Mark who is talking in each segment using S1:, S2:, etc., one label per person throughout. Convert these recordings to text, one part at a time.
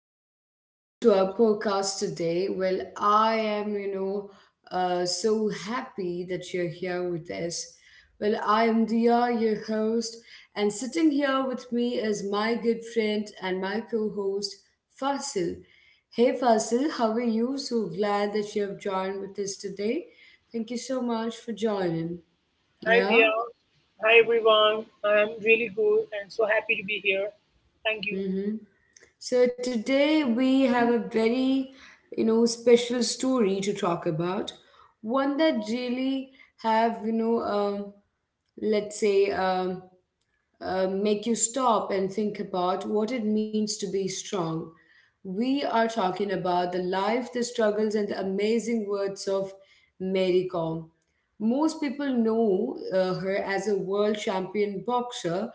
S1: and welcome to our podcast today. Well, I am, so happy that you're here with us. Well, I am Dia, your host, and sitting here with me is my good friend and my co host, Fasil. Hey, Fasil, how are you? So glad that you have joined with us today. Thank you so much for joining.
S2: Hi,
S1: Yeah?
S2: Via. Hi, everyone. I'm really good and so happy to be here. Thank you.
S1: Mm-hmm. So today we have a very, special story to talk about. One that really have, let's say, um, make you stop and think about what it means to be strong. We are talking about the life, the struggles, and the amazing words of Mary Kom. Most people know her as a world champion boxer,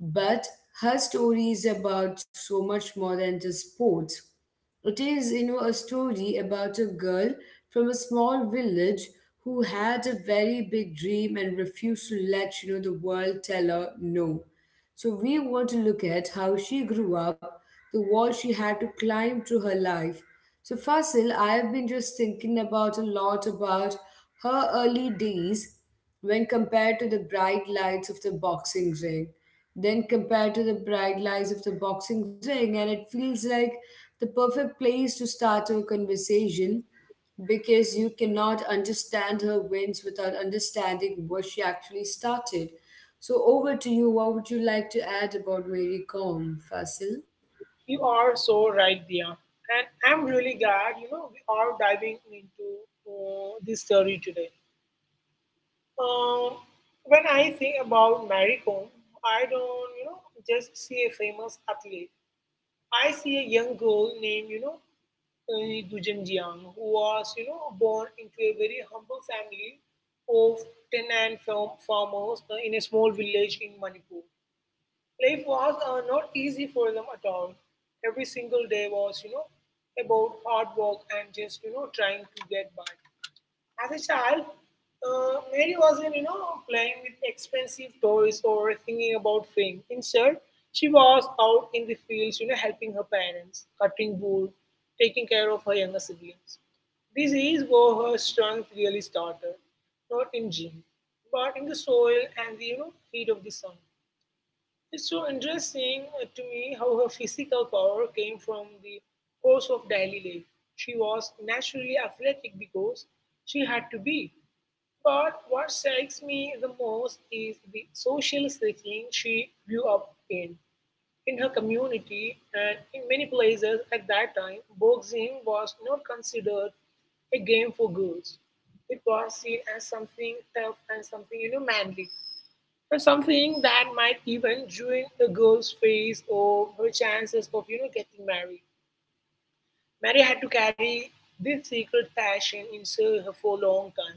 S1: but her story is about so much more than just sports. It is, you know, a story about a girl from a small village who had a very big dream and refused to let, you know, the world tell her no. So we want to look at how she grew up, the wall she had to climb through her life. So Fasil, I have been just thinking about a lot about her early days when compared to the bright lights of the boxing ring then compared to the bright lights of the boxing ring, and it feels like the perfect place to start a conversation because you cannot understand her wins without understanding what she actually started. So, over to you. What would you like to add about Mary Kom, Fasil?
S2: You are so right, Via. And I'm really glad, you know, we are diving into this story today. Uh, when I think about Mary Kom, I don't, you know, just see a famous athlete. I see a young girl named, you know, Gulzar who was you know born into a very humble family of farmers in a small village in Manipur. Life was not easy for them at all. Every single day was you know about hard work and just you know trying to get by. As a child, Mary wasn't, you know, playing with expensive toys or thinking about fame. Instead, she was out in the fields, you know, helping her parents, cutting wood, taking care of her younger siblings. This is where her strength really started, not in gym, but in the soil and the, you know, heat of the sun. It's so interesting to me how her physical power came from the course of daily life. She was naturally athletic because she had to be. But what strikes me the most is the social setting she grew up in. In her community and in many places at that time, boxing was not considered a game for girls. It was seen as something tough and something, you know, manly or something that might even ruin a girl's face or her chances of you know getting married. Mary had to carry this secret passion inside her for a long time.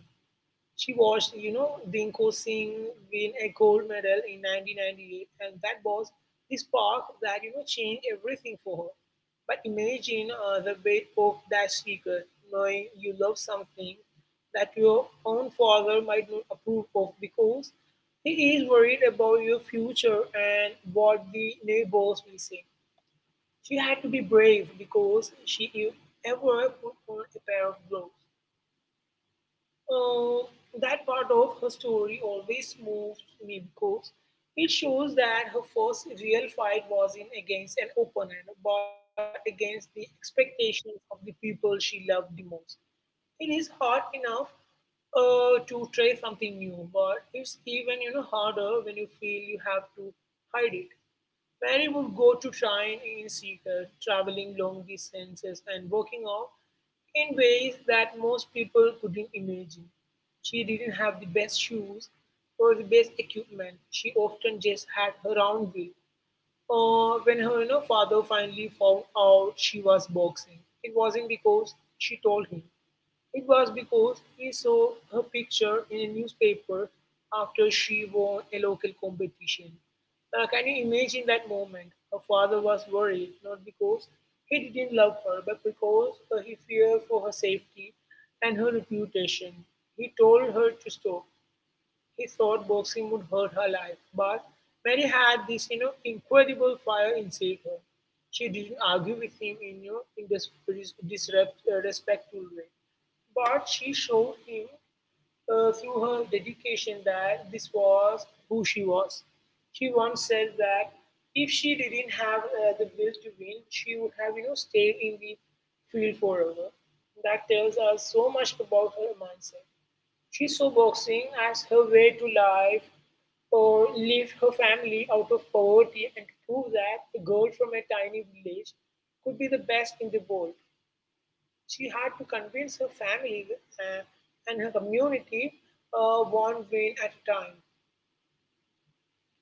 S2: She watched, you know, Dinko Singh win a gold medal in 1998, and that was the spark that, you know, changed everything for her. But imagine the weight of that secret, knowing you love something that your own father might not approve of because he is worried about your future and what the neighbors will say. She had to be brave because ever put on a pair of gloves. Uh, that part of her story always moved me because it shows that her first real fight wasn't against an opponent, but against the expectations of the people she loved the most. It is hard enough to try something new, but it's even you know harder when you feel you have to hide it. Many would go to train in secret, traveling long distances and working out in ways that most people couldn't imagine. She didn't have the best shoes or the best equipment. She often just had her own will when her you know, father finally found out she was boxing, it wasn't because she told him. It was because he saw her picture in a newspaper after she won a local competition. Can you imagine that moment? Her father was worried, not because he didn't love her, but because he feared for her safety and her reputation. He told her to stop, he thought boxing would hurt her life, but Mary had this, you know, incredible fire inside her. She didn't argue with him in, you know, in this respectful way, but she showed him through her dedication that this was who she was. She once said that if she didn't have the will to win, she would have you know stayed in the field forever. That tells us so much about her mindset. She saw boxing as her way to life, or live her family out of poverty and to prove that a girl from a tiny village could be the best in the world. She had to convince her family uh, and her community one win at a time.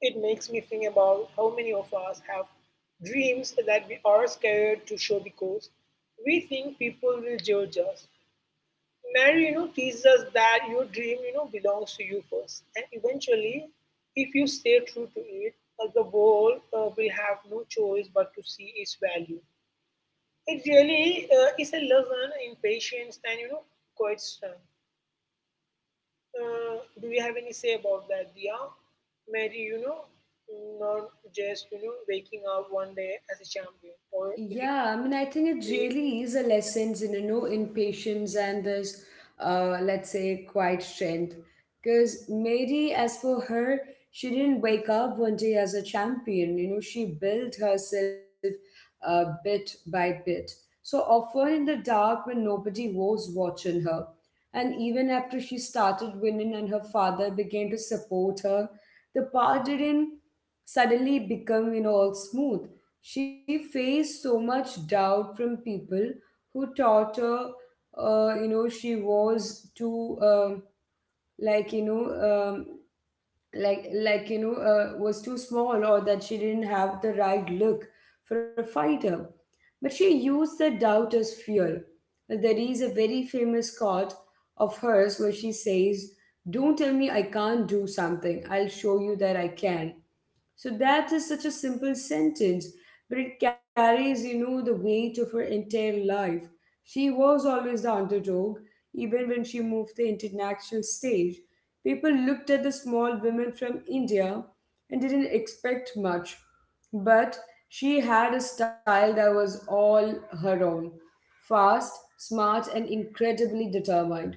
S2: It makes me think about how many of us have dreams that we are scared to show because we think people will judge us. Mary, you know, teaches us that your dream, you know, belongs to you first. And eventually, if you stay true to it, the world will have no choice but to see its value. It really is a lesson in patience and, you know, quite strength. Do you have any say about that, Dia? Mary, you know, not just, you know, waking up one day as a champion or it is
S1: Yeah, I mean, I think it really is a lesson in, you know, in patience and this, let's say, quiet strength. Because Mary, as for her, she didn't wake up one day as a champion. You know, she built herself bit by bit, so often in the dark when nobody was watching her. And even after she started winning and her father began to support her, the path didn't suddenly become, you know, all smooth. She faced so much doubt from people who taught her you know, she was too like you know um, like you know was too small, or that she didn't have the right look for a fighter. But she used that doubt as fuel. There is a very famous quote of hers where she says, "Don't tell me I can't do something. I'll show you that I can." So that is such a simple sentence, but it carries, you know, the weight of her entire life. She was always the underdog, even when she moved the international stage. People looked at the small women from India and didn't expect much, but she had a style that was all her own: fast, smart, and incredibly determined.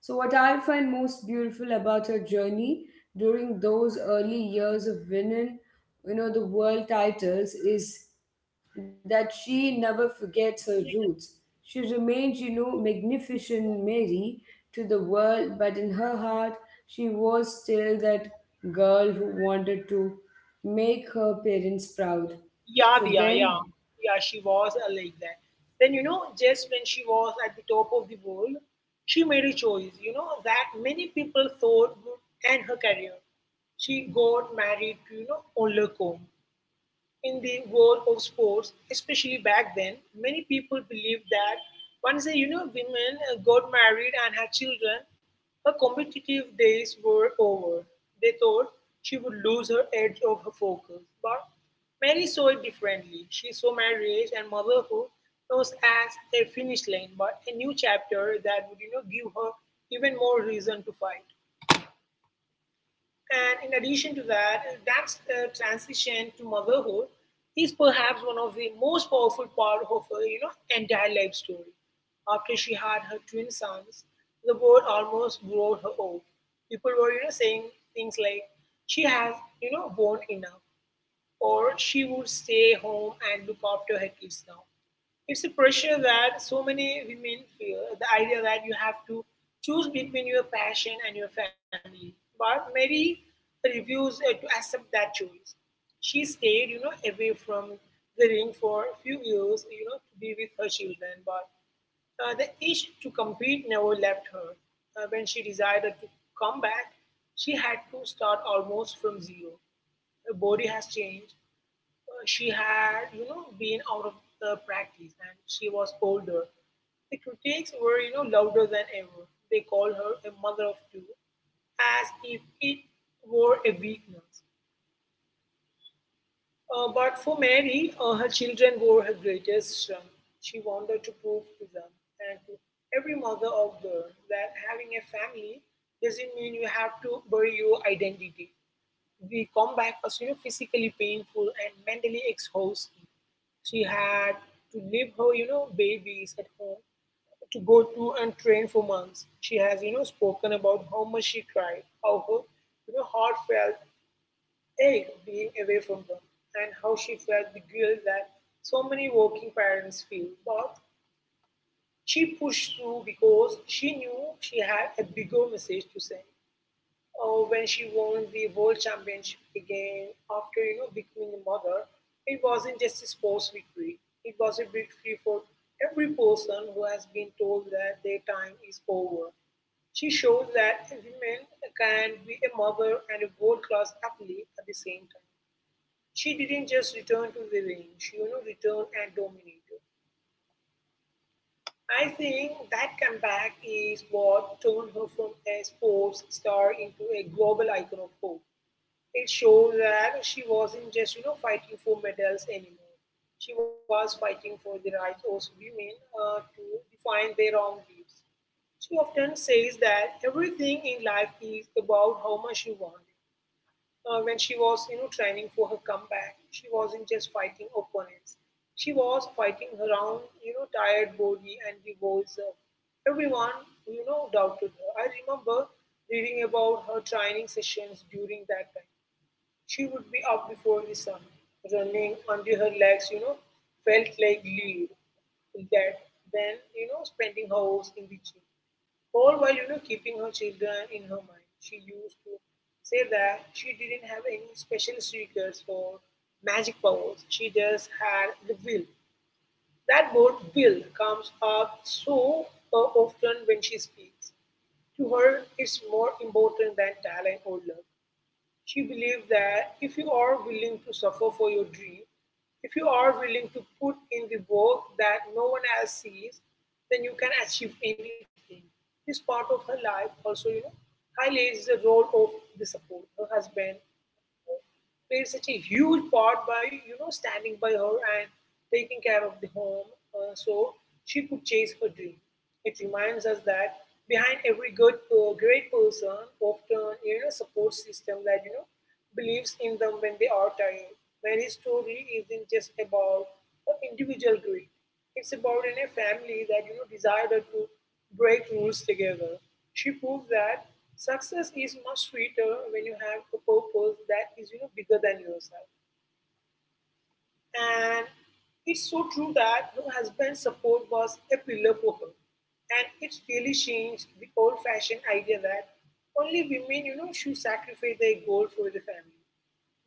S1: So, what I find most beautiful about her journey during those early years of winning, you know, the world titles, is that she never forgets her roots. She remains, you know, magnificent Mary to the world, but in her heart, she was still that girl who wanted to make her parents proud. So
S2: Yavia,
S1: then,
S2: yeah, yeah, she was like that. Then you know, just when she was at the top of the world, she made a choice. You know that many people thought would end her career. She got married to you know Olakon, in the world of sports, especially back then, many people believed that once a you know women got married and had children, her competitive days were over. They thought she would lose her edge of her focus. But Mary saw it differently. She saw marriage and motherhood not as a finish line, but a new chapter that would you know give her even more reason to fight. And in addition to that, that transition to motherhood is perhaps one of the most powerful part of her, you know, entire life story. After she had her twin sons, the world almost wrote her off. People were, you know, saying things like, "She has, you know, born enough or she would stay home and look after her kids now. It's a pressure that so many women feel the idea that you have to choose between your passion and your family. But Mary refused to accept that choice. She stayed, you know, away from the ring for a few years, you know, to be with her children. But the itch to compete never left her. When she decided to come back, she had to start almost from zero. Her body has changed, she had, you know, been out of the practice and she was older. The critics were, you know, louder than ever. They called her a mother of two, as if it were a weakness. But for Mary, her children were her greatest strength. She wanted to prove to them and to every mother out there that having a family doesn't mean you have to bury your identity. The comeback was you know, physically painful and mentally exhausting. She had to leave her, you know, babies at home to go to and train for months. She has, you know, spoken about how much she cried, how her, you know, heart felt ache being away from them, and how she felt the guilt that so many working parents feel. But she pushed through because she knew she had a bigger message to send when she won the world championship again after you know becoming a mother, it wasn't just a sports victory. It was a victory for every person who has been told that their time is over. She showed that a woman can be a mother and a world-class athlete at the same time. She didn't just return to the ring; she you know returned and dominated. I think that comeback is what turned her from a sports star into a global icon of hope. It shows that she wasn't just you know fighting for medals anymore. She was fighting for the rights of women to define their own lives. She often says that everything in life is about how much you want. When she was you know training for her comeback, she wasn't just fighting opponents. She was fighting her own you know tired body and the voice of everyone who, you know doubted her. I remember reading about her training sessions during that time she would be up before the sun, running until her legs, you know, felt like lead, that, then, you know, spending hours in the gym. All while, you know, keeping her children in her mind. She used to say that she didn't have any special secrets or magic powers. She just had the will. That word will comes up so often when she speaks to her it's more important than talent or love. She believed that if you are willing to suffer for your dream, if you are willing to put in the work that no one else sees, then you can achieve anything. This part of her life also, you know, highlights the role of the support, her husband, played such a huge part by you know standing by her and taking care of the home so she could chase her dream it reminds us that behind every good great person often you know support system that you know believes in them when they are tired Mary's story isn't just about the individual greed it's about in a family that you know decided to break rules together. She proved that success is much sweeter when you have a purpose that is you know bigger than yourself. And it's so true that her husband's support was a pillar for her, and it's really changed the old-fashioned idea that only women should sacrifice their goal for the family.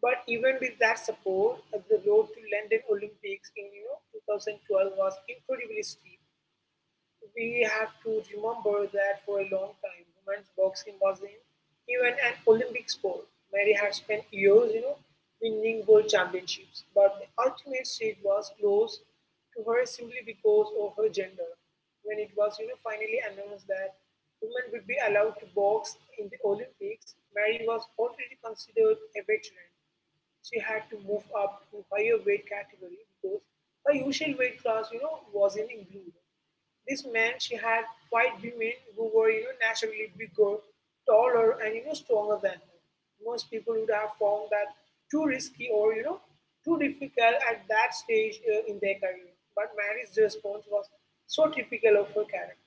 S2: But even with that support, the road to London Olympics in 2012 was incredibly steep. We have to remember that for a long time women's boxing wasn't even an Olympic sport. Mary had spent years, winning world championships, but the ultimate stage was closed to her simply because of her gender. When it was, finally announced that women would be allowed to box in the Olympics, Mary was already considered a veteran. She had to move up to higher weight category because her usual weight class, wasn't included. This meant she had white women who were, naturally bigger, taller, and stronger than her. Most people would have found that too risky or too difficult at that stage in their career. But Mary's response was so typical of her character.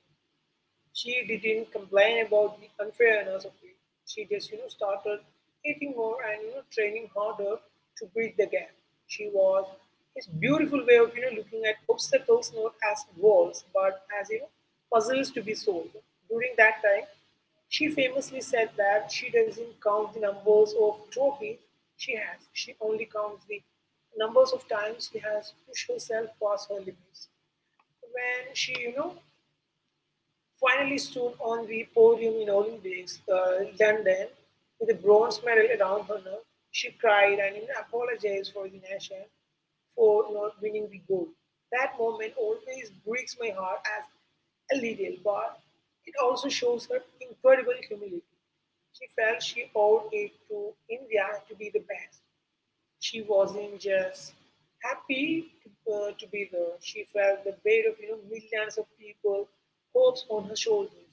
S2: She didn't complain about the unfairness of it. She just, started eating more and training harder to bridge the gap. She was his beautiful way of looking at obstacles not as walls but as puzzles to be solved. During that time, she famously said that she doesn't count the numbers of trophies she has. She only counts the numbers of times she has pushed herself past her limits. When she, finally stood on the podium in Olympics, London, with a bronze medal around her neck, she cried and even apologized for the nation for not winning the gold. That moment always breaks my heart as a little, but it also shows her incredible humility. She felt she owed it to India to be the best. She wasn't just happy to, to be there. She felt the weight of millions of people hopes on her shoulders.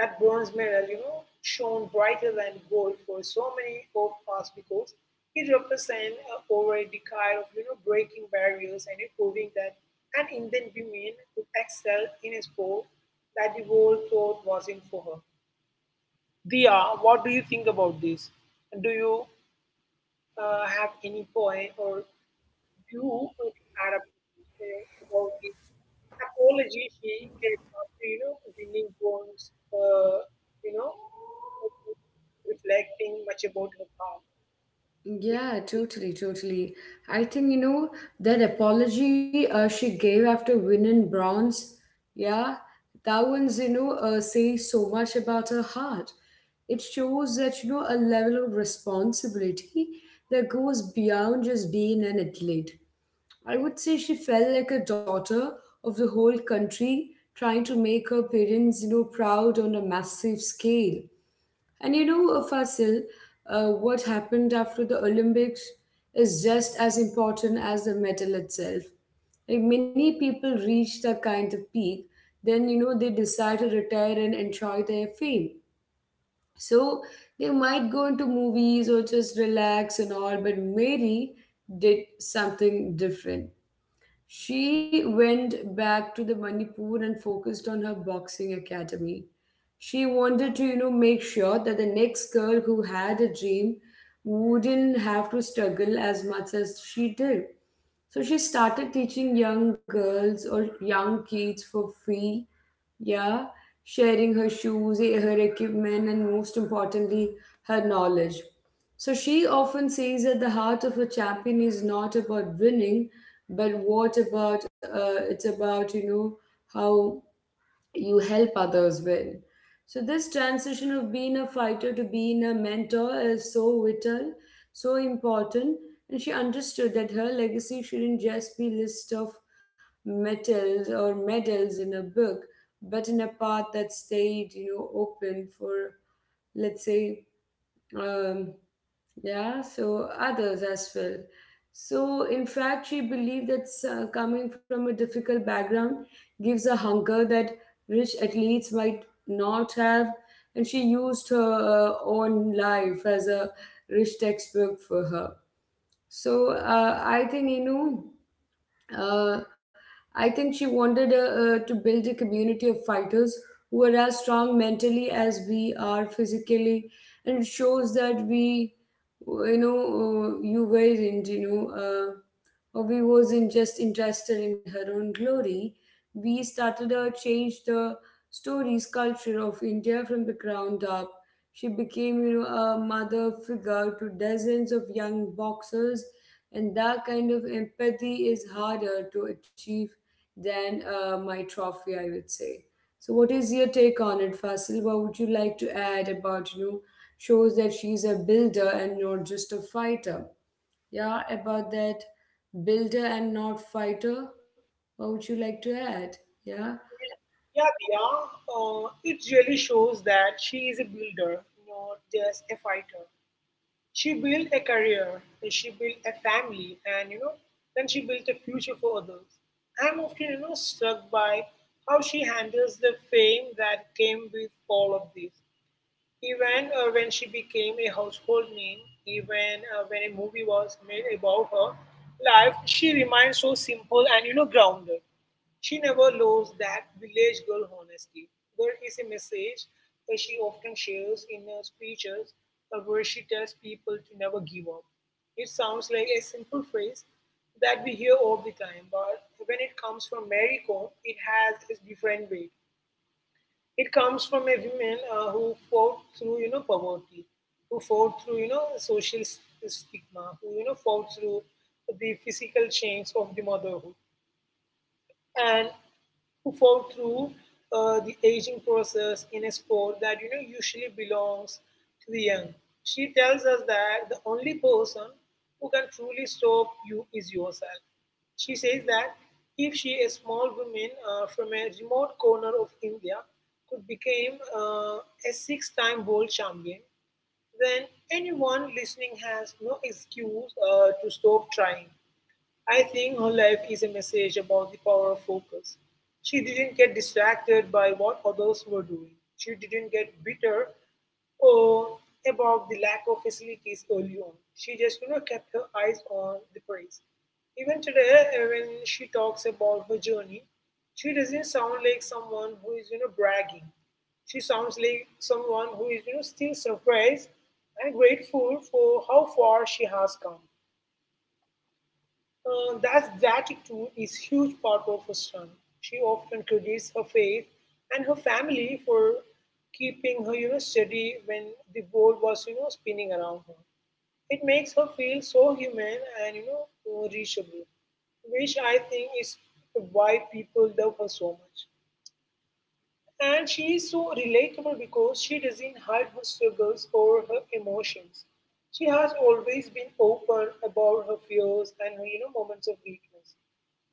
S2: That bronze medal, shone brighter than gold for so many of us because it represents over a decade of breaking barriers and proving that an Indian woman could excel in a sport that the world thought wasn't for her. Dia, what do you think about this? Do you have any point or glue to Sarah Purvis about the apology she gave after, winning bonds, you know, reflecting much about her past.
S1: yeah, totally, totally. I think, you know, that apology she gave after winning bronze, yeah, that one's, you know, says so much about her heart. It shows that, you know, a level of responsibility that goes beyond just being an athlete. I would say she felt like a daughter of the whole country, trying to make her parents, you know, proud on a massive scale. And you know, Fasil, what happened after the Olympics is just as important as the medal itself. Like, many people reach that kind of peak, then you know they decide to retire and enjoy their fame. So they might go into movies or just relax and all, but Mary did something different. She went back to the Manipur and focused on her boxing academy. She wanted to, you know, make sure that the next girl who had a dream wouldn't have to struggle as much as she did. So she started teaching young girls or young kids for free, yeah, sharing her shoes, eh, her equipment, and most importantly, her knowledge. So she often says that the heart of a champion is not about winning, but what about it's about, you know, how you help others well. So this transition of being a fighter to being a mentor is so vital, so important. And she understood that her legacy shouldn't just be list of medals or medals in a book, but in a path that stayed, you know, open for let's say um, yeah, so others as well. So in fact she believed that coming from a difficult background gives a hunger that rich athletes might not have. And she used her own life as a rich textbook for her. So uh, I think she wanted to build a community of fighters who are as strong mentally as we are physically, and it shows that we, you know, you were not you know. We wasn't just interested in her own glory. We started to change the stories culture of India from the ground up. She became, you know, a mother figure to dozens of young boxers, and that kind of empathy is harder to achieve than my trophy, I would say. So, what is your take on it, Fasil? What would you like to add about, you know, shows that she's a builder and not just a fighter? Yeah, about that builder and not fighter. What would you like to add? Yeah,
S2: Yeah, yeah. It really shows that she is a builder, not just a fighter. She built a career, and she built a family, and then she built a future for others. I'm often, struck by how she handles the fame that came with all of this. Even when she became a household name, even when a movie was made about her life, she remained so simple and grounded. She never lost that village girl honesty. There is a message that she often shares in her speeches where she tells people to never give up. It sounds like a simple phrase that we hear all the time, but when it comes from Mary Kom, it has a different weight. It comes from a woman who fought through, poverty, who fought through, social stigma, who, fought through the physical chains of the motherhood. And who fall through the aging process in a sport that usually belongs to the young. She tells us that the only person who can truly stop you is yourself. She says that if she, a small woman from a remote corner of India, could become a six-time world champion, then anyone listening has no excuse to stop trying. I think her life is a message about the power of focus. She didn't get distracted by what others were doing. She didn't get bitter or about the lack of facilities early on. She just, kept her eyes on the prize. Even today, when she talks about her journey, she doesn't sound like someone who is, bragging. She sounds like someone who is, still surprised and grateful for how far she has come. That gratitude is huge part of her strength. She often credits her faith and her family for keeping her, steady when the world was, spinning around her. It makes her feel so human and, reachable, which I think is why people love her so much. And she is so relatable because she doesn't hide her struggles or her emotions. She has always been open about her fears and her, moments of weakness.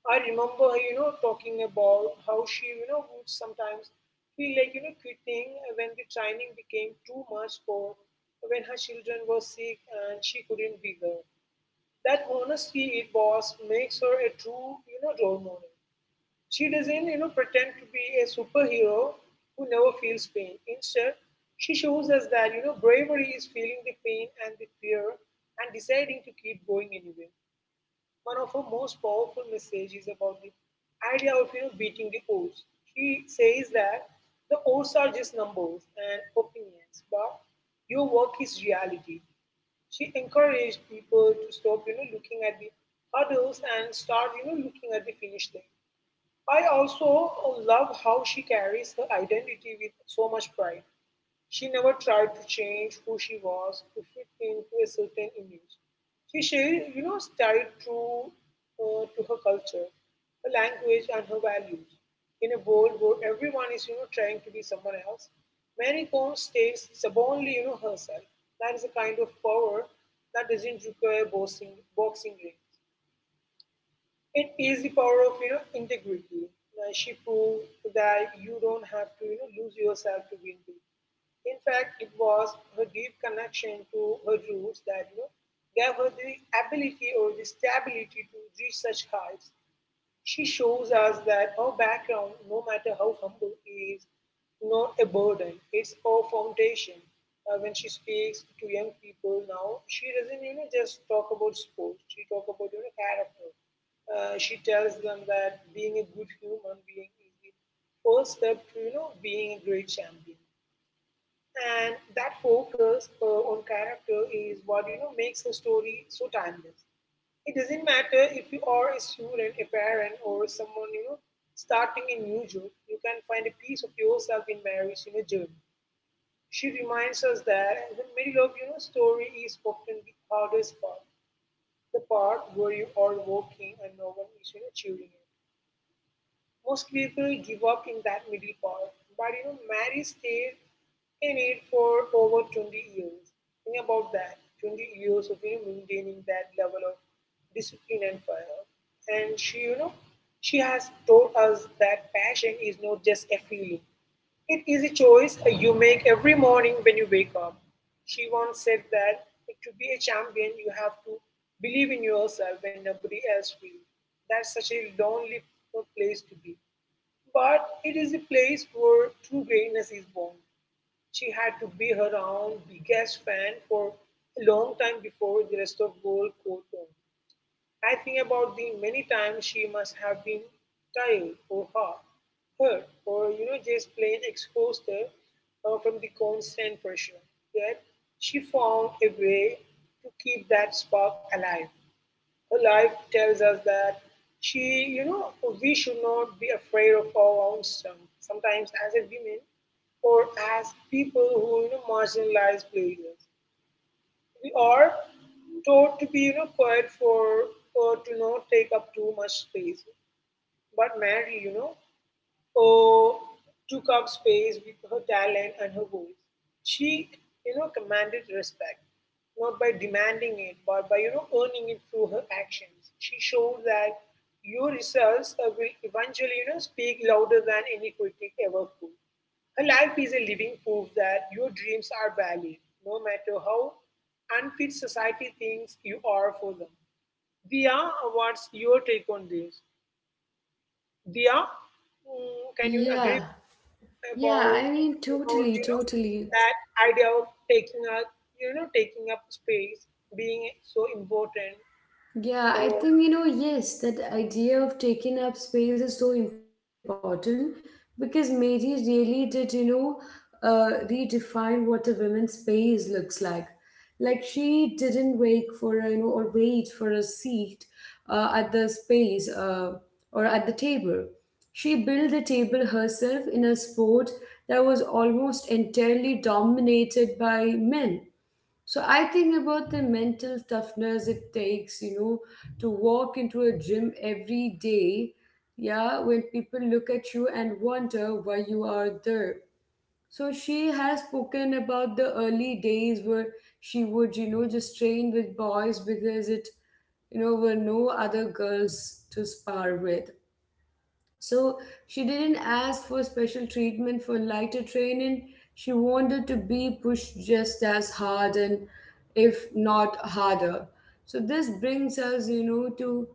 S2: I remember her, talking about how she, would sometimes feel like, quitting when the training became too much or when her children were sick and she couldn't be there. That honesty it was makes her a true, role model. She doesn't, pretend to be a superhero who never feels pain. Instead, she shows us that, bravery is feeling the pain and the fear and deciding to keep going anyway. One of her most powerful messages about the idea of, beating the odds. She says that the odds are just numbers and opinions, but your work is reality. She encouraged people to stop, looking at the hurdles and start, looking at the finish line. I also love how she carries her identity with so much pride. She never tried to change who she was to fit into a certain image. She stayed true to her culture, her language, and her values. In a world where everyone is, trying to be someone else, Mary Combs stays stubbornly, herself. That is a kind of power that doesn't require boxing rings. It is the power of integrity. She proved that you don't have to lose yourself to win big. In fact, it was her deep connection to her roots that gave her the ability or the stability to reach such heights. She shows us that our background, no matter how humble, is not a burden, it's our foundation. When she speaks to young people now, she doesn't just talk about sports. She talk about character. She tells them that being a good human being is the first step to being a great champion, and that focus on character is what makes a story so timeless. It doesn't matter if you are a student, a parent, or someone starting a new job, you can find a piece of yourself in Mary's journey. She reminds us that the middle of story is often the hardest part, the part where you are walking and no one is cheering you. Most people give up in that middle part, but Mary stayed in it for over 20 years. Think about that, 20 years of maintaining that level of discipline and fire. And she, you know, she has taught us that passion is not just a feeling, it is a choice you make every morning when you wake up. She once said that to be a champion, you have to believe in yourself when nobody else will. That's such a lonely place to be. But it is a place where true greatness is born. She had to be her own biggest fan for a long time before the rest of the world caught on. I think about the many times she must have been tired or hurt, or just plain exhausted from the constant pressure. Yet she found a way to keep that spark alive. Her life tells us that she, you know, we should not be afraid of our own strength. Sometimes, as a women or as people who, marginalized places, we are taught to be, quiet for or to not take up too much space. But Mary, Oh took up space with her talent and her voice. She, commanded respect, not by demanding it, but by, earning it through her actions. She showed that your results will eventually, speak louder than any critic ever could. Her life is a living proof that your dreams are valid, no matter how unfit society thinks you are for them. Dia, what's your take on this? Dia, can you agree
S1: yeah, yeah.
S2: about
S1: I mean,
S2: about
S1: totally, totally.
S2: that idea of taking up taking up space being so important.
S1: Yeah, I
S2: oh
S1: think, you know, yes, that idea of taking up space is so important, because Mary really did, you know, redefine what a woman's space looks like. Like, she didn't wait for a, you know, or wait for a seat at the space or at the table. She built the table herself in a sport that was almost entirely dominated by men. So I think about the mental toughness it takes, you know, to walk into a gym every day, yeah, when people look at you and wonder why you are there. So she has spoken about the early days where she would, you know, just train with boys because it, you know, were no other girls to spar with. So she didn't ask for special treatment for lighter training. She wanted to be pushed just as hard, and if not harder. So this brings us, you know, to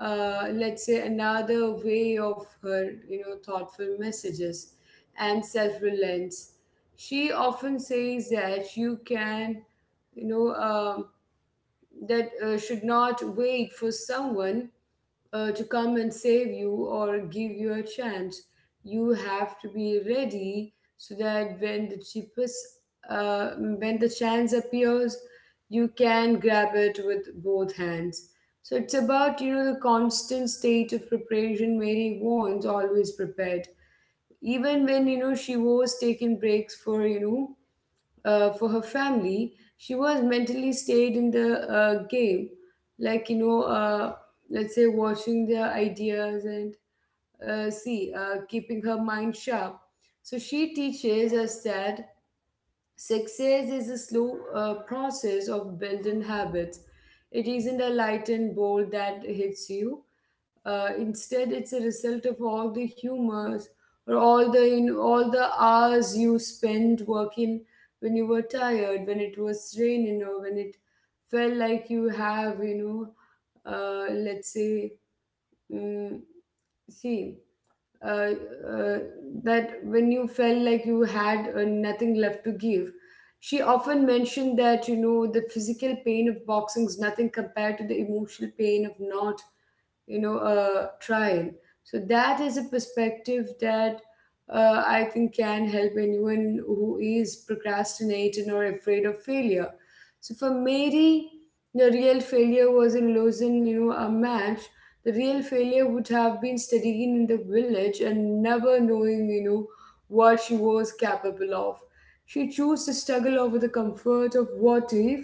S1: let's say another way of her, you know, thoughtful messages and self-reliance. She often says that you can, you know, that should not wait for someone to come and save you or give you a chance. You have to be ready so that when the chance appears, you can grab it with both hands. So it's about, you know, the constant state of preparation. Mary warns always prepared, even when you know she was taking breaks for you know for her family. She was mentally stayed in the game, like you know, let's say watching their ideas and keeping her mind sharp. So she teaches us that success is a slow process of building habits. It isn't a light and bolt that hits you. Instead, it's a result of all the humors or all the hours you spent working when you were tired, when it was raining, or when it felt like you have, you know, let's say, mm see, uh, uh, that when you felt like you had nothing left to give. She often mentioned that, you know, the physical pain of boxing is nothing compared to the emotional pain of not you know trial. So that is a perspective that I think can help anyone who is procrastinating or afraid of failure. So for Mary, the real failure was in losing, you know, a match. The real failure would have been studying in the village and never knowing, you know, what she was capable of. She chose to struggle over the comfort of what if,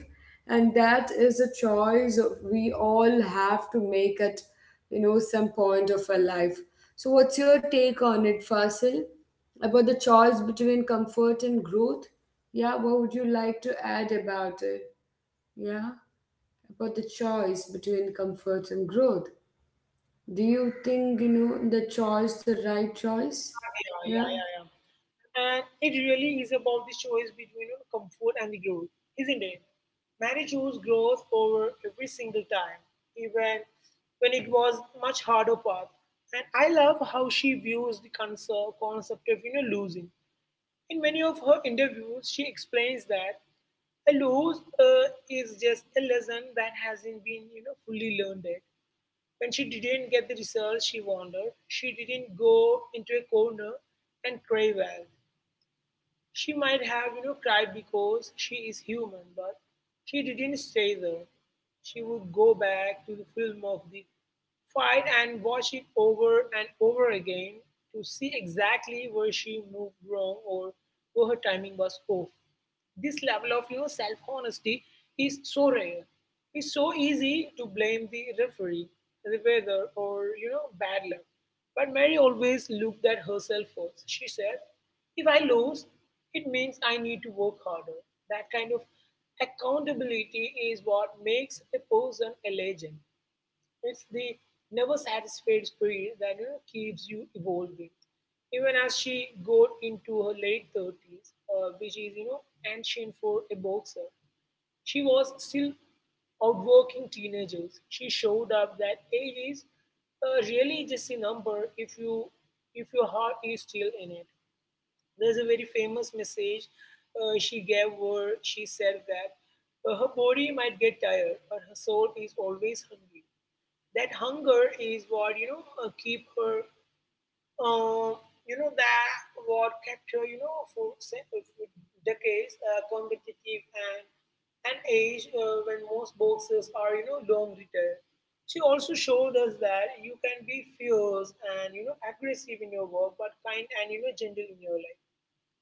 S1: and that is a choice we all have to make at, you know, some point of our life. So what's your take on it, Fasil, about the choice between comfort and growth? Yeah, what would you like to add about it? Yeah, about the choice between comfort and growth, do you think, you know, the choice the right choice?
S2: yeah, yeah, yeah, yeah,
S1: Yeah.
S2: and it really is about the choice between, you know, comfort and the growth, isn't it? Mary chose growth over every single time, even when it was much harder path. And I love how she views the concept of, you know, losing. In many of her interviews, she explains that a loss is just a lesson that hasn't been, you know, fully learned yet. When she didn't get the results she wanted, she didn't go into a corner and cry well. She might have, you know, cried because she is human, but she didn't stay there. She would go back to the film of the fight and watch it over and over again to see exactly where she moved wrong or where her timing was off. This level of, you know, self honesty is so rare. It's so easy to blame the referee, the weather, or, you know, bad luck. But Mary always looked at herself first. She said, "If I lose, it means I need to work harder." That kind of accountability is what makes a person a legend. It's the never satisfied spirit that, you know, keeps you evolving. Even as she got into her late 30s, which is, you know, ancient for a boxer, she was still outworking teenagers. She showed up that age is really just a number if you if your heart is still in it. There's a very famous message she gave where she said that her body might get tired, but her soul is always hungry. That hunger is what keep her. Uh, you know that what kept her. You know for, for decades competitive and an age when most boxers are, you know, long retired. She also showed us that you can be fierce and, you know, aggressive in your work, but kind and, you know, gentle in your life.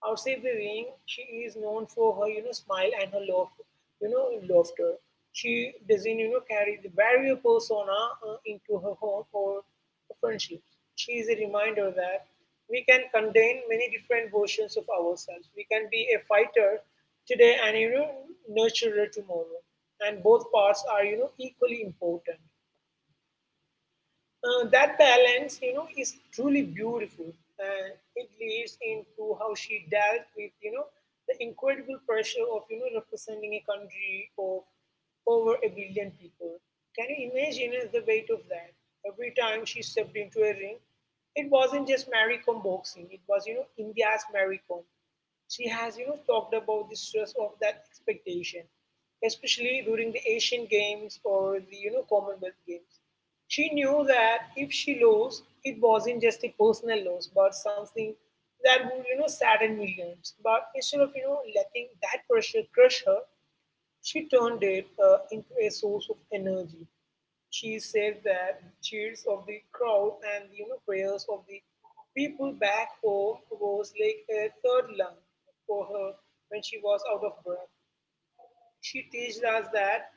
S2: Outside the ring, she is known for her, you know, smile and her love, you know, laughter. She doesn't, you know, carry the barrier persona into her home or friendships. She is a reminder that we can contain many different versions of ourselves. We can be a fighter today and, you know, nurturer tomorrow. And both parts are, you know, equally important. That balance, you know, is truly beautiful, and it leads into how she dealt with, you know, the incredible pressure of, you know, representing a country of over a billion people. Can you imagine the weight of that? Every time she stepped into a ring, it wasn't just Mary Kom boxing; it was, you know, India's Mary Kom. She has, you know, talked about the stress of that expectation, especially during the Asian Games or the, you know, Commonwealth Games. She knew that if she lost, it wasn't just a personal loss, but something that would, you know, sadden millions. But instead of, you know, letting that pressure crush her, she turned it into a source of energy. She said that cheers of the crowd and, you know, prayers of the people back home was like a third lung for her when she was out of breath. She teaches us that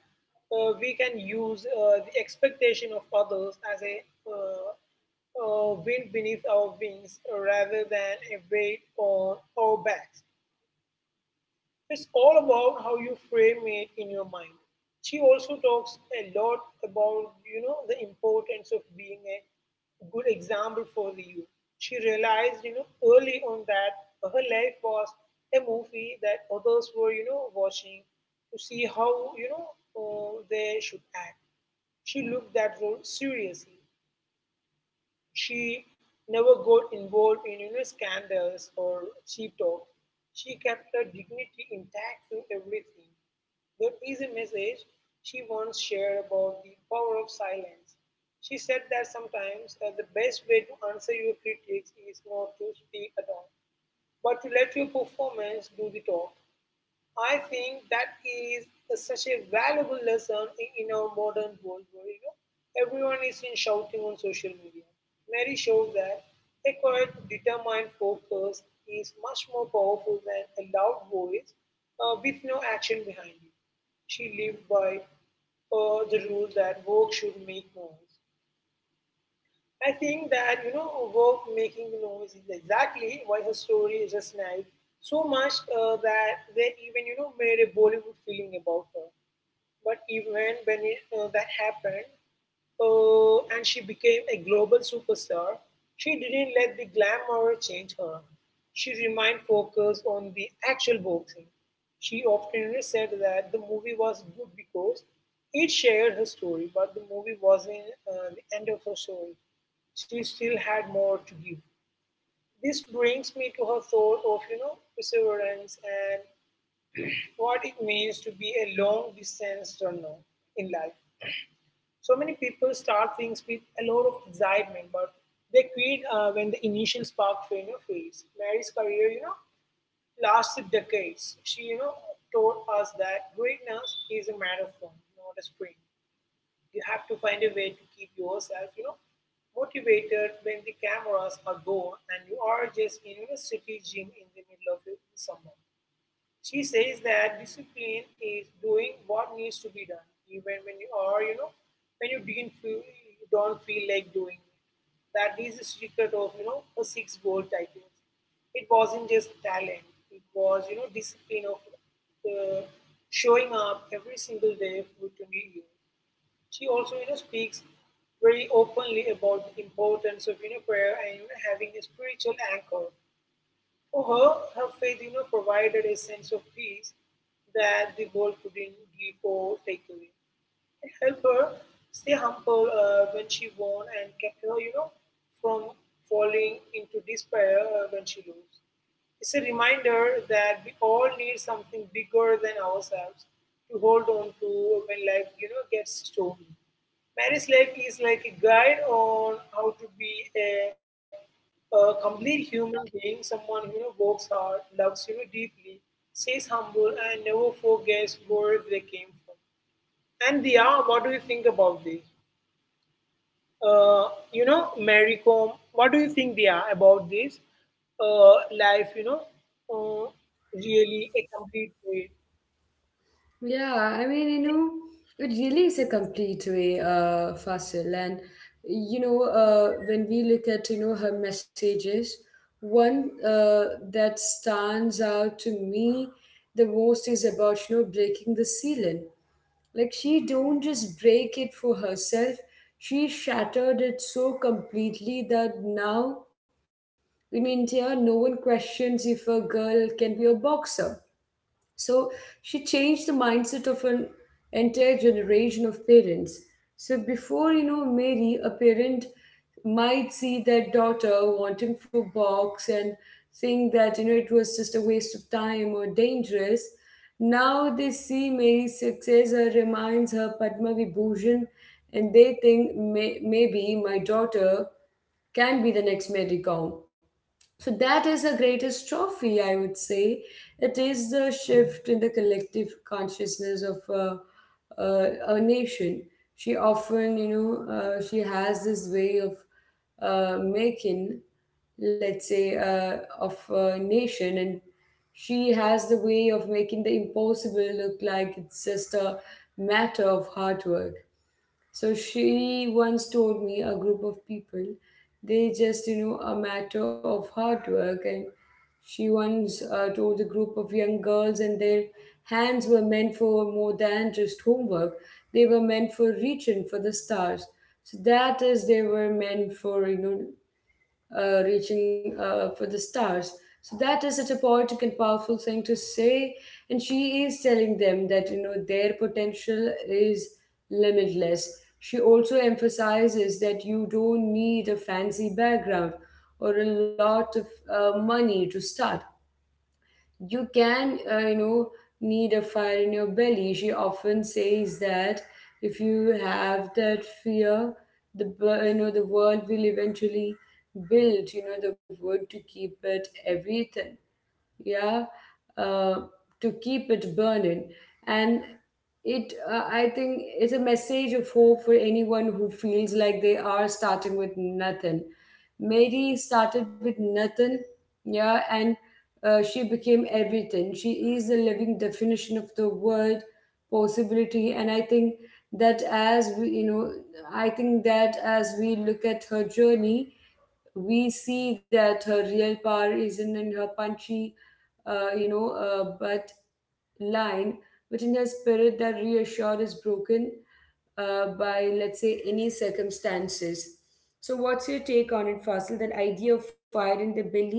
S2: we can use the expectation of others as a uh, wind beneath our wings rather than a weight on our backs. It's all about how you frame it in your mind. She also talks a lot about, you know, the importance of being a good example for the youth. She realized, you know, early on that her life was a movie that others were, you know, watching to see how they should act. She looked that role seriously. She never got involved in, you know, scandals or cheap talk. She kept her dignity intact through everything. There is a message she once shared about the power of silence. She said that sometimes the best way to answer your critics is not to speak at all, but to let your performance do the talk. I think that is such a valuable lesson in our modern world where, you know, everyone is in shouting on social media. Mary showed that a quiet, determined focus is much more powerful than a loud voice with no action behind it. She lived by the rule that work should make noise. I think that, you know, work making noise is exactly why her story is a snide so much that they even, you know, made a Bollywood feeling about her. But even when it, that happened, and she became a global superstar, she didn't let the glamour change her. She remained focused on the actual boxing. She often said that the movie was good because it shared her story, but the movie wasn't the end of her story. She still had more to give. This brings me to her thought of, you know, perseverance and what it means to be a long distance runner in life. So many people start things with a lot of excitement, but they quit when the initial spark, you know, fades. Mary's career, you know, lasted decades. She, you know, taught us that greatness is a marathon, not a sprint. You have to find a way to keep yourself, you know, motivated when the cameras are gone and you are just in a city gym in the middle of the summer. She says that discipline is doing what needs to be done, even when you are, you know, when you don't feel like doing it. That is the secret of, you know, a six-goal title. It wasn't just talent; it was, you know, discipline of uh, showing up every single day for 20 years. She also, you know, speaks very openly about the importance of, you know, prayer and, you know, having a spiritual anchor for her, her faith, you know, provided a sense of peace that the world couldn't give or take away. It helped her stay humble when she won and kept her, you know, from falling into despair when she lose. It's a reminder that we all need something bigger than ourselves to hold on to when life, you know, gets stormy. Marriage life is like a guide on how to be a, a complete human being, someone who, you know, works hard, loves, you know, deeply, stays humble, and never forgets where they came from. And they are, what do you think about this? Uh, you know, Mary Comb, what do you think they are about this life, you know, uh, really a complete way?
S1: Yeah, I mean, you know, it really is a complete way, Fasil. And, you know, when we look at, you know, her messages, one that stands out to me the most is about, you know, breaking the ceiling. Like, she don't just break it for herself. She shattered it so completely that now in India, no one questions if a girl can be a boxer, so she changed the mindset of an entire generation of parents. So before Mary, a parent might see their daughter wanting for box and think that it was just a waste of time or dangerous. Now they see Mary's success, reminds her Padma Vibhushan, and they think maybe my daughter can be the next Mary Kong. So that is her greatest trophy, I would say. It is the shift in the collective consciousness of a nation. She often, she has this way of making, let's say, of a nation, and she has the way of making the impossible look like it's just a matter of hard work. So she once told me a group of people, they just, you know, a matter of hard work. And she once told a group of young girls, and their hands were meant for more than just homework. They were meant for reaching for the stars. So that is, they were meant for, reaching for the stars. So that is such a poetic and powerful thing to say. And she is telling them that their potential is limitless. She also emphasizes that you don't need a fancy background or a lot of money to start. You can, need a fire in your belly. She often says that if you have that fear, the the world will eventually build, the wood to keep it everything, yeah, uh, to keep it burning. And it, I think, is a message of hope for anyone who feels like they are starting with nothing. Mary started with nothing, yeah, and she became everything. She is the living definition of the word possibility, and that as we, you know, I think that as we look at her journey, we see that her real power isn't in her punchy, but line which in a spirit that reassured is broken, by, let's say, any circumstances. So, what's your take on it, Fasil? That idea of fire in the belly?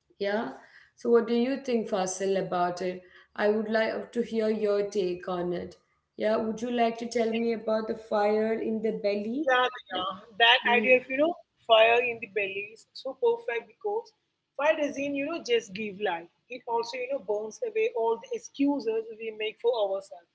S1: Yeah. So, what do you think, Fasil, about it? I would like to hear your take on it. Yeah. Would you like to tell me about the fire in the belly?
S2: Yeah,
S1: And,
S2: yeah. That
S1: mm-hmm.
S2: idea of, you know, fire in the belly is so perfect because fire doesn't, you know, just give life. It also, you know, burns away all the excuses we make for ourselves.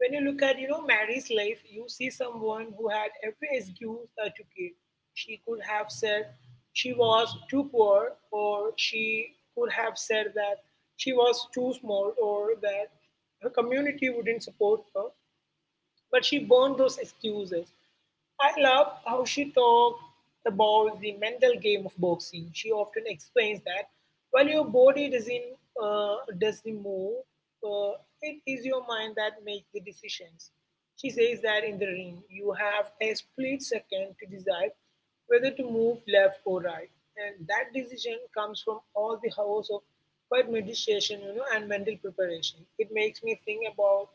S2: When you look at, you know, Mary's life, you see someone who had every excuse to give. She could have said she was too poor, or she could have said that she was too small, or that her community wouldn't support her. But she burned those excuses. I love how she talked about the mental game of boxing. She often explains that while your body doesn't does the move, uh, it is your mind that makes the decisions. She says that in the ring, you have a split second to decide whether to move left or right, and that decision comes from all the hours of quiet meditation, you know, and mental preparation. It makes me think about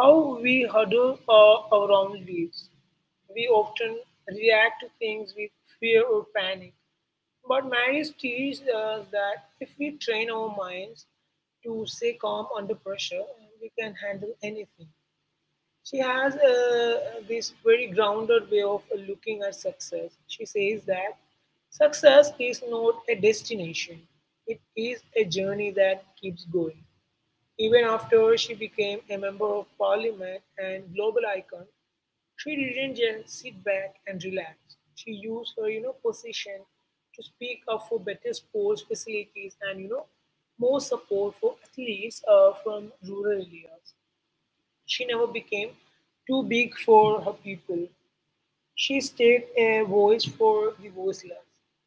S2: how we huddle our own lives. We often react to things with fear or panic. But marriage teaches us that if we train our minds to stay calm under pressure, we can handle anything. She has this very grounded way of looking at success. She says that success is not a destination, it is a journey that keeps going. Even after she became a Member of Parliament and global icon, she didn't just sit back and relax. She used her, you know, position to speak up for better sports facilities and, you know, more support for athletes from rural areas. She never became too big for her people. She stayed a voice for the voiceless.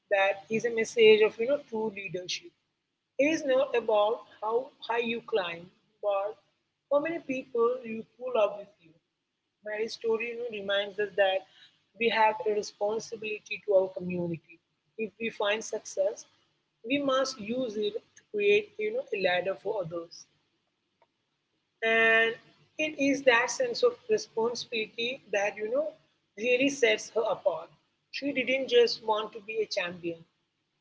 S2: That is a message of, you know, true leadership. It is not about how high you climb, but how many people you pull up with you. Mary's story, you know, reminds us that we have a responsibility to our community. If we find success, we must use it to create, you know, a ladder for others. And it is that sense of responsibility that, you know, really sets her apart. She didn't just want to be a champion,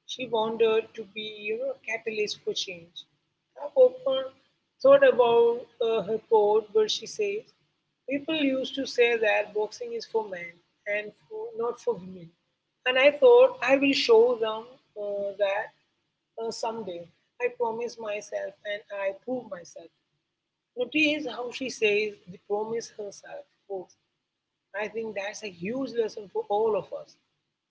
S2: she wanted to be, you know, a catalyst for change. I've often thought about her quote where she says, "People used to say that boxing is for men and for, not for women, and I thought I will show them that someday. I promised myself and I proved myself." Notice how she says the promise herself. Folks, I think that's a huge lesson for all of us.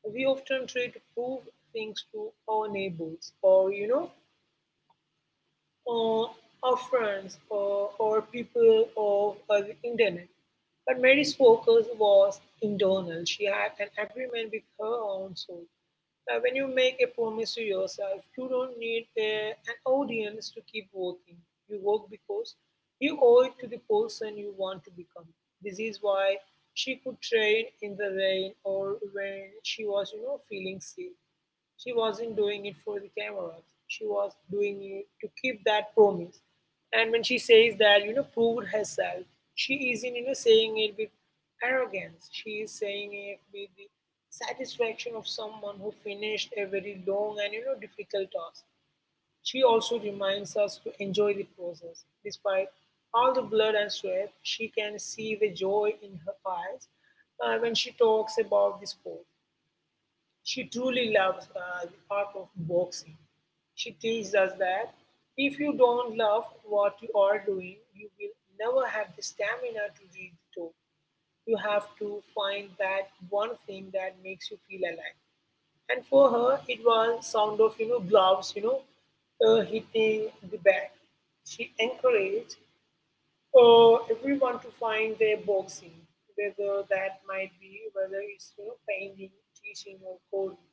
S2: We often try to prove things to our neighbors or our friends or people of the internet. But Mary's focus was internal. She had an agreement with her own soul. Now, when you make a promise to yourself, you don't need an audience to keep working. You work because you owe it to the person you want to become. This is why she could train in the rain or when she was feeling sick. She wasn't doing it for the cameras. She was doing it to keep that promise. And when she says that proved herself, she isn't saying it with arrogance. She is saying it with the satisfaction of someone who finished a very long and difficult task. She also reminds us to enjoy the process. Despite all the blood and sweat, she can see the joy in her eyes when she talks about the sport. She truly loves the art of boxing. She teaches us that if you don't love what you are doing, you will never have the stamina to reach the top. You have to find that one thing that makes you feel alive. And for her, it was sound of gloves, hitting the bat. She encouraged everyone to find their boxing, whether that might be whether it's painting, teaching, or coding.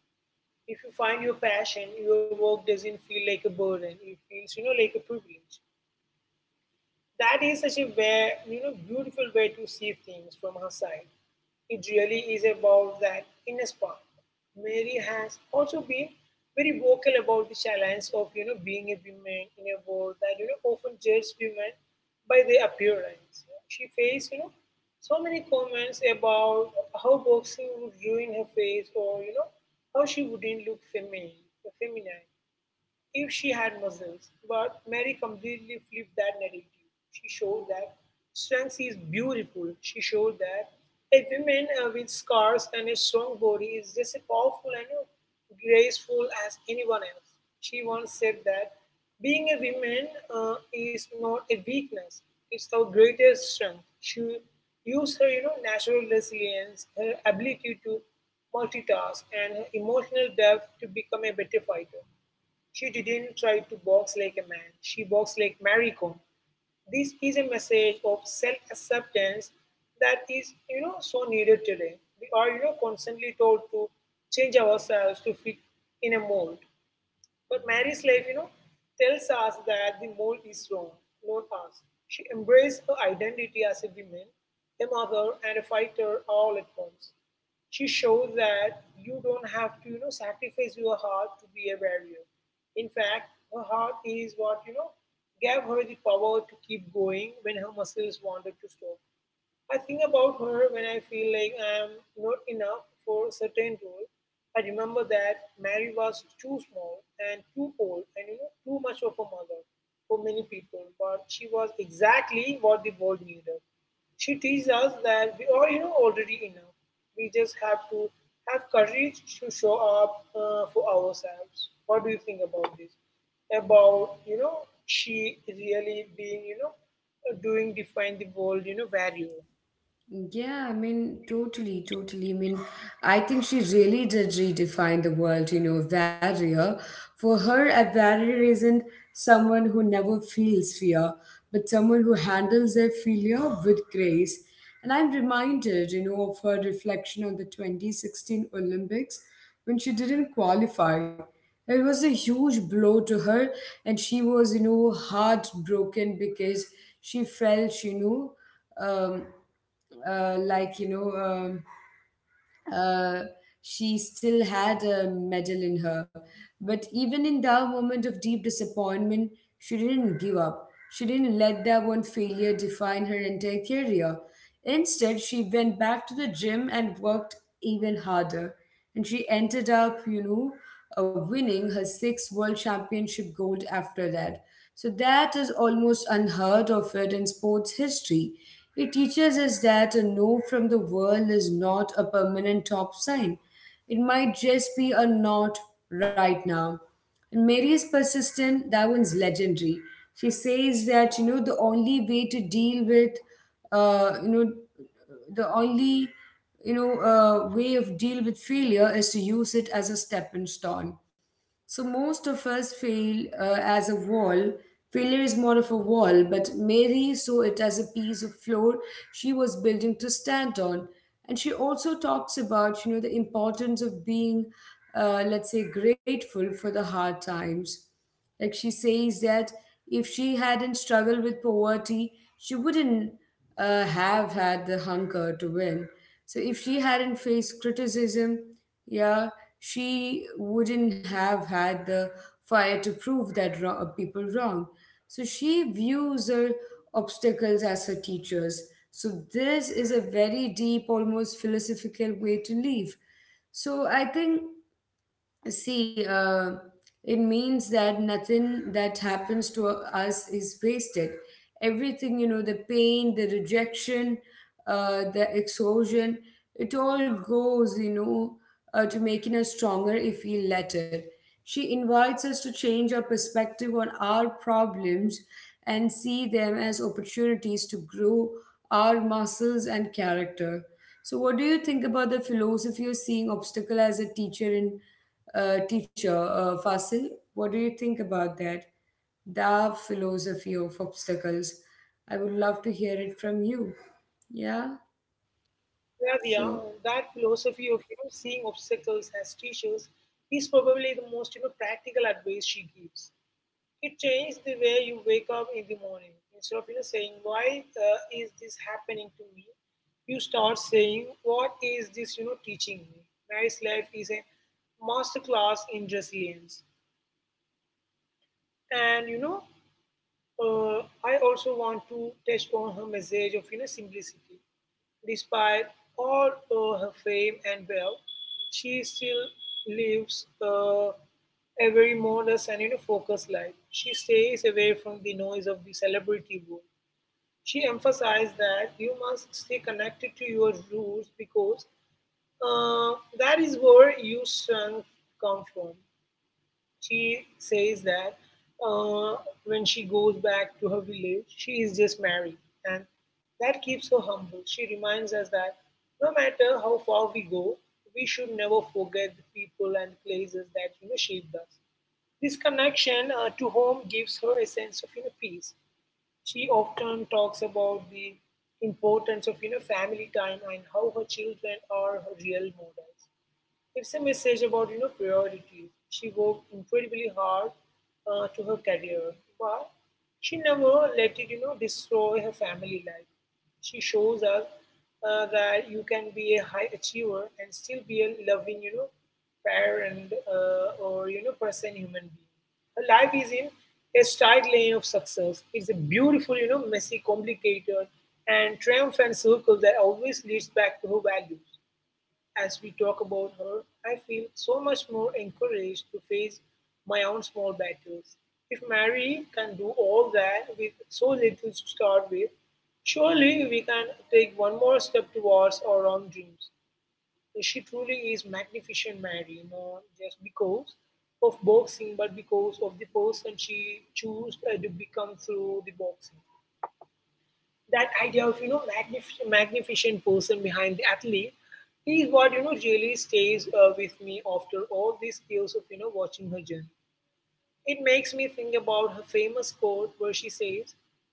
S2: If you find your passion, your work doesn't feel like a burden. It feels like a privilege. That is such a beautiful way to see things from her side. It really is about that inner spark. Mary has also been very vocal about the challenge of being a woman in a world that often judges women by their appearance. She faced so many comments about how boxing would ruin her face or how she wouldn't look feminine, feminine if she had muscles. But Mary completely flipped that narrative. She showed that strength is beautiful. She showed that a woman with scars and a strong body is just as powerful and graceful as anyone else. She once said that being a woman is not a weakness, it's our greatest strength. She used her natural resilience, her ability to multitask, and her emotional depth to become a better fighter. She didn't try to box like a man, she boxed like Mary Kom. This is a message of self-acceptance that is so needed today. We are constantly told to change ourselves to fit in a mold. But Mary's life tells us that the mold is wrong, not us. She embraced her identity as a woman, a mother, and a fighter all at once. She showed that you don't have to sacrifice your heart to be a warrior. In fact, her heart is what gave her the power to keep going when her muscles wanted to stop. I think about her when I feel like I'm not enough for a certain role. I remember that Mary was too small and too old and too much of a mother for many people, but she was exactly what the world needed. She teaches us that we are already enough. We just have to have courage to show up for ourselves. What do you think about this? About she really being doing define the world value.
S1: Yeah, I mean, totally. I mean, I think she really did redefine the world, you know, Varia. For her, a warrior isn't someone who never feels fear, but someone who handles their failure with grace. And I'm reminded, you know, of her reflection on the 2016 Olympics when she didn't qualify. It was a huge blow to her, and she was, you know, heartbroken because she felt, you know, um, like you know uh, she still had a medal in her. But even in that moment of deep disappointment, she didn't give up. She didn't let that one failure define her entire career. Instead, she went back to the gym and worked even harder, and she ended up, winning her sixth world championship gold after that. So that is almost unheard of it in sports history. It teaches us that a no from the world is not a permanent top sign. It might just be a not right now. And Mary is persistent, that one's legendary. She says that, you know, the only way to deal with, you know, the only, you know, way of deal with failure is to use it as a stepping stone. So most of us feel as a wall. Failure is more of a wall, but Mary saw it as a piece of floor she was building to stand on. And she also talks about, you know, the importance of being, let's say, grateful for the hard times. Like she says that if she hadn't struggled with poverty, she wouldn't, have had the hunger to win. So if she hadn't faced criticism, yeah, she wouldn't have had the fire to prove that people wrong. So she views her obstacles as her teachers. So this is a very deep, almost philosophical way to live. So I think, See, uh, it means that nothing that happens to us is wasted. Everything, you know, the pain, the rejection, the exhaustion, it all goes, to making us stronger if we let it. She invites us to change our perspective on our problems and see them as opportunities to grow our muscles and character. So, what do you think about the philosophy of seeing obstacle as a teacher in teacher, Fasil. What do you think about that? The philosophy of obstacles. I would love to hear it from you. Yeah.
S2: Yeah, yeah,
S1: So,
S2: that philosophy of seeing obstacles as teachers is probably the most practical advice she gives. It changed the way you wake up in the morning. Instead of saying why is this happening to me, you start saying what is this teaching me. Nice life is a master class in resilience, and I also want to touch on her message of simplicity. Despite all of her fame and wealth, she still lives a very modest and focused life. She stays away from the noise of the celebrity world. She emphasized that you must stay connected to your roots because that is where your strength come from. She says that uh, when she goes back to her village, she is just married, and that keeps her humble. She reminds us that no matter how far we go, we should never forget the people and places that shaped us. This connection to home gives her a sense of peace. She often talks about the importance of family time and how her children are her real models. It's a message about priority. She worked incredibly hard to her career, but she never let it destroy her family life. She shows us that you can be a high achiever and still be a loving parent or person, human being. Her life is in a straight lane of success. It's a beautiful messy, complicated, and triumphant circle that always leads back to her values. As we talk about her, I feel so much more encouraged to face my own small battles. If Mary can do all that with so little to start with, surely we can take one more step towards our own dreams. She truly is magnificent, Mary, not just because of boxing, but because of the person she chose to become through the boxing. That idea of magnificent person behind the athlete is what really stays with me after all these years of watching her journey. It makes me think about her famous quote where she says,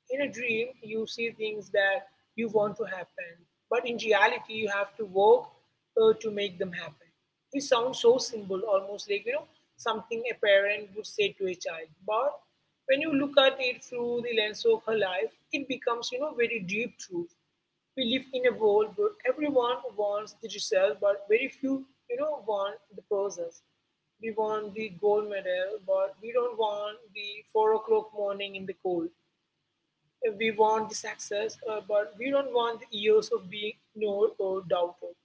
S2: in a dream, you see things that you want to happen, but in reality, you have to work to make them happen. It sounds so simple, almost like something a parent would say to a child. But when you look at it through the lens of her life, it becomes very deep truth. We live in a world where everyone wants the result, but very few want the process. We want the gold medal, but we don't want the 4 o'clock morning in the cold. We want the success, but we don't want the years of being ignored or doubted.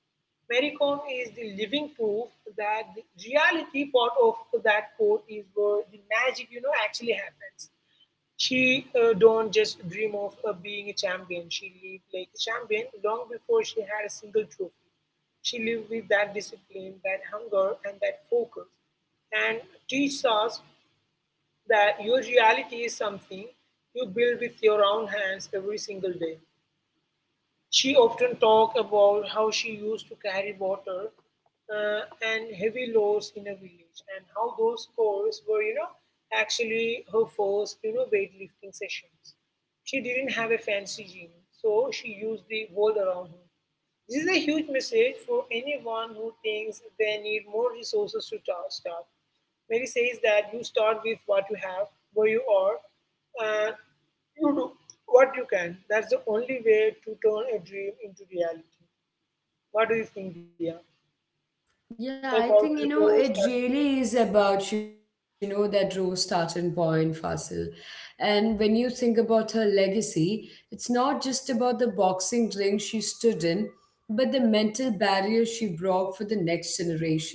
S2: Mary Kom is the living proof that the reality part of that quote is where the magic actually happens. She don't just dream of being a champion. She lived like a champion long before she had a single trophy. She lived with that discipline, that hunger, and that focus, and teaches us that your reality is something you build with your own hands every single day. She often talked about how she used to carry water and heavy loads in a village, and how those calls were actually her first weightlifting sessions. She didn't have a fancy gym, so she used the world around her. This is a huge message for anyone who thinks they need more resources to start. Mary says that you start with what you have, where you are, and you do what you can. That's the only way to turn a dream into reality. What do you think, Dia?
S1: yeah,
S2: About
S1: I
S2: the
S1: think, you know,
S2: goals that.
S1: it really is about, you know, that raw starting point, Fasil. And when you think about her legacy, it's not just about the boxing ring she stood in, but the mental barrier she broke for the next generation.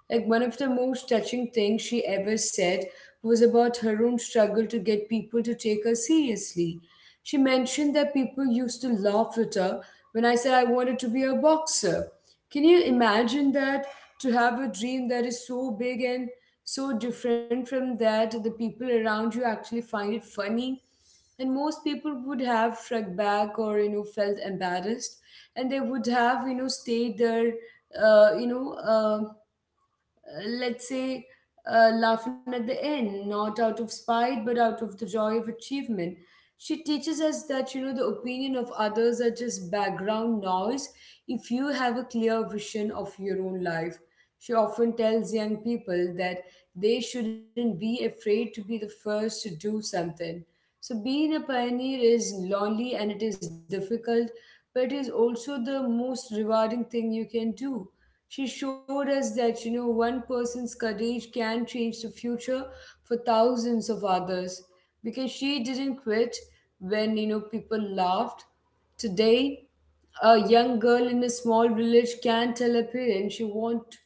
S1: Like one of the most touching things she ever said was about her own struggle to get people to take her seriously. She mentioned that people used to laugh at her when I said I wanted to be a boxer. Can you imagine that? To have a dream that is so big and so different from that, the people around you actually find it funny. And most people would have shrugged back or you know felt embarrassed, and they would have, stayed there, uh, you know uh let's say, laughing at the end, not out of spite, but out of the joy of achievement. She teaches us that, you know, the opinion of others are just background noise if you have a clear vision of your own life. She often tells young people that they shouldn't be afraid to be the first to do something. So, being a pioneer is lonely and it is difficult, but it is also the most rewarding thing you can do. She showed us that, you know, one person's courage can change the future for thousands of others, because she didn't quit when, you know, people laughed. Today, a young girl in a small village can tell her parents she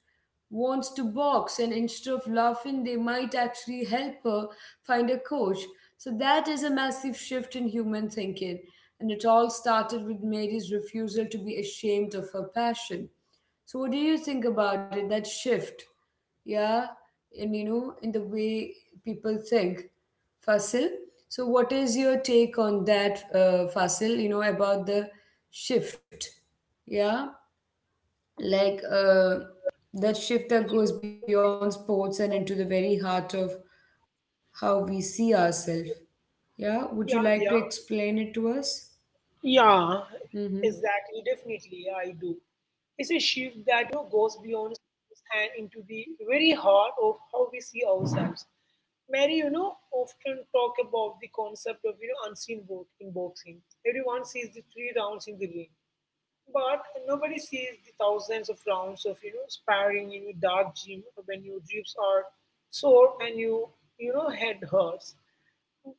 S1: wants to box, and instead of laughing, they might actually help her find a coach. So that is a massive shift in human thinking, and it all started with Mary's refusal to be ashamed of her passion. So what do you think about it? That shift, yeah, and you know, in the way people think, Fasil. So what is your take on that, Fasil? You know about the shift, yeah, like uh, that shift that goes beyond sports and into the very heart of how we see ourselves. Yeah, would you like to
S2: Yeah, Dia.
S1: explain it to us?
S2: Yeah,
S1: Mm-hmm.
S2: exactly. Definitely, yeah, I do. It's a shift that goes beyond schools and into the very heart of how we see ourselves. Mary, often talk about the concept of unseen work in boxing. Everyone sees the three rounds in the ring, but nobody sees the thousands of rounds of sparring in a dark gym when your ribs are sore and you know head hurts.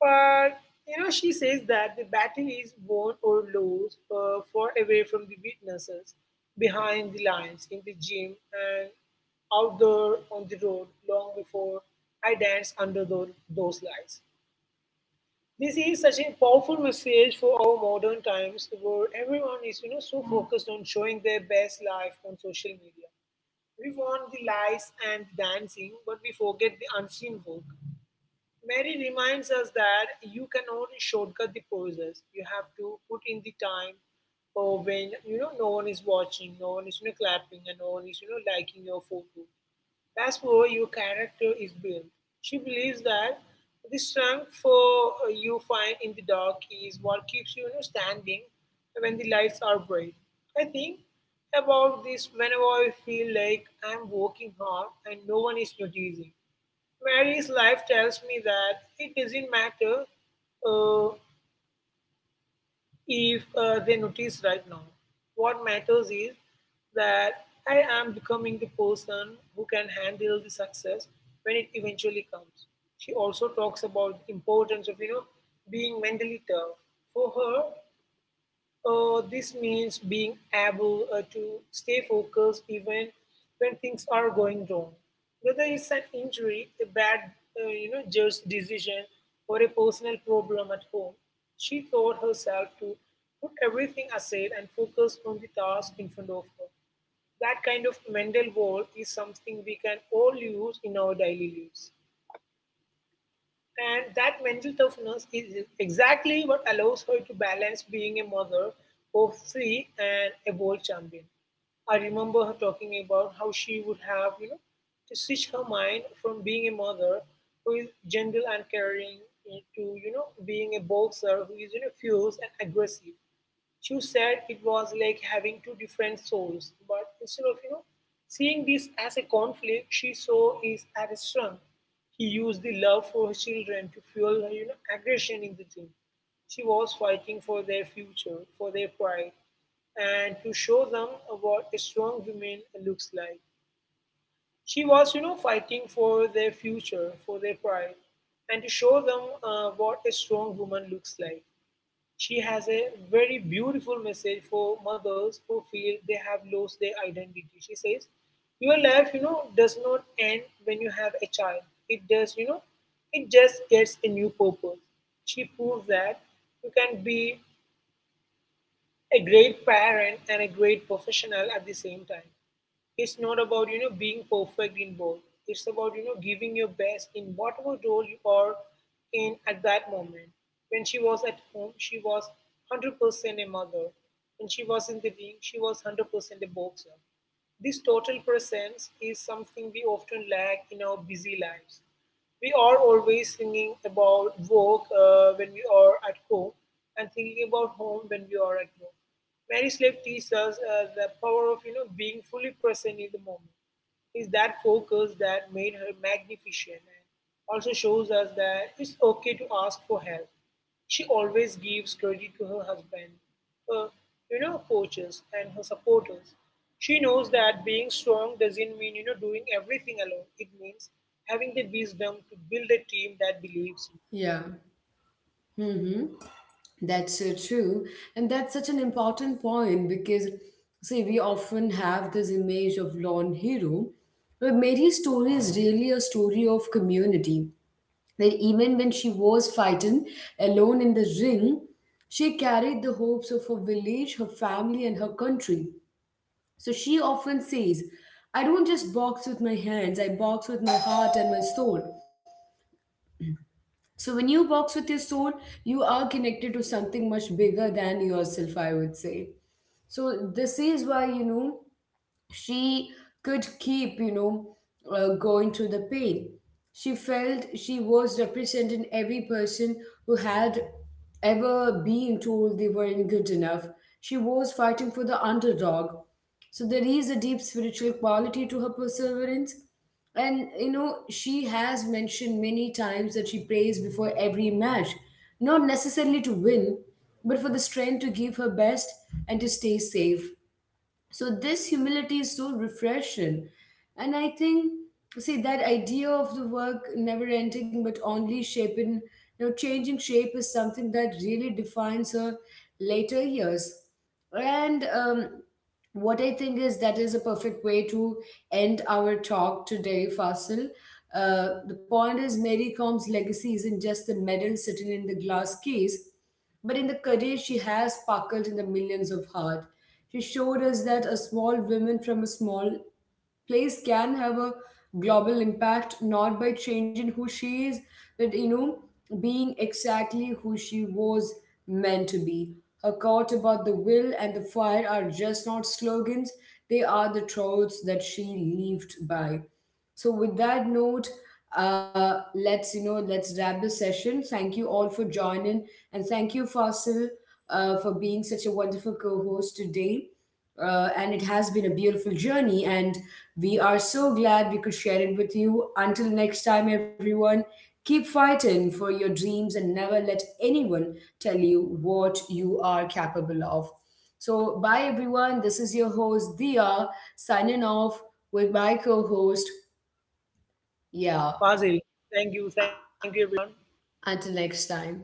S2: But she says that the battle is won or lost far away from the witnesses, behind the lines, in the gym, and out there on the road long before I danced under those lights. This is such a powerful message for our modern times where everyone is so focused on showing their best life on social media. We want the lights and dancing, but we forget the unseen work. Mary reminds us that you cannot shortcut the process. You have to put in the time or when no one is watching, no one is clapping, and no one is liking your photo. That's where your character is built. She believes that the strength for you find in the dark is what keeps you, you know standing when the lights are bright. I think about this whenever I feel like I'm working hard and no one is noticing. Mary's life tells me that it doesn't matter uh, if they notice right now. What matters is that I am becoming the person who can handle the success when it eventually comes. She also talks about the importance of being mentally tough. For her, this means being able to stay focused even when things are going wrong. Whether it's an injury, a bad, judge decision, or a personal problem at home, she taught herself to put everything aside and focus on the task in front of her. That kind of mental wall is something we can all use in our daily lives. And that mental toughness is exactly what allows her to balance being a mother of three and a world champion. I remember her talking about how she would have to switch her mind from being a mother who is gentle and caring to being a boxer who is fierce and aggressive. She said it was like having two different souls, but instead of seeing this as a conflict, she saw it as a strength. He used the love for her children to fuel her aggression in the gym. She was fighting for their future, for their pride, and to show them what a strong woman looks like. She was fighting for their future, for their pride, and to show them what a strong woman looks like. She has a very beautiful message for mothers who feel they have lost their identity. She says, your life does not end when you have a child. It does, you know, it just gets a new purpose. She proves that you can be a great parent and a great professional at the same time. It's not about being perfect in both. It's about giving your best in whatever role you are in at that moment. When she was at home, she was 100% a mother. When she was in the ring, she was 100% a boxer. This total presence is something we often lack in our busy lives. We are always thinking about work when we are at home and thinking about home when we are at work. Mary Slave teaches us the power of being fully present in the moment. Is that focus that made her magnificent and also shows us that it's okay to ask for help. She always gives credit to her husband, her coaches, and her supporters. She knows that being strong doesn't mean doing everything alone. It means having the wisdom to build a team that believes in you.
S1: Yeah. Mm-hmm. That's so true. And that's such an important point because, see, we often have this image of lone hero, but Mary's story is really a story of community. That even when she was fighting alone in the ring, she carried the hopes of her village, her family, and her country. So she often says, I don't just box with my hands, I box with my heart and my soul. So when you box with your soul, you are connected to something much bigger than yourself, I would say. So this is why, she could keep, going through the pain. She felt she was representing every person who had ever been told they weren't good enough. She was fighting for the underdog. So there is a deep spiritual quality to her perseverance. And you know, she has mentioned many times that she prays before every match, not necessarily to win, but for the strength to give her best and to stay safe. So this humility is so refreshing. And I think, see, that idea of the work never ending but only shaping, you know, changing shape is something that really defines her later years. And what I think is that is a perfect way to end our talk today, Fasil. The point is, Mary Com's legacy isn't just the medal sitting in the glass case, but in the career she has sparkled in the millions of heart. She showed us that a small woman from a small place can have a global impact, not by changing who she is, but you know being exactly who she was meant to be. Her quote about the will and the fire are just not slogans, they are the truths that she lived by. So with that note, let's you know let's wrap the session. Thank you all for joining, and thank you, Fossil, for being such a wonderful co host today. And it has been a beautiful journey, and we are so glad we could share it with you. Until next time, everyone, keep fighting for your dreams and never let anyone tell you what you are capable of. So, bye, everyone. This is your host, Dia, signing off with my co host. Yeah,
S2: Fazil,
S1: u-
S2: thank you everyone.
S1: until next time.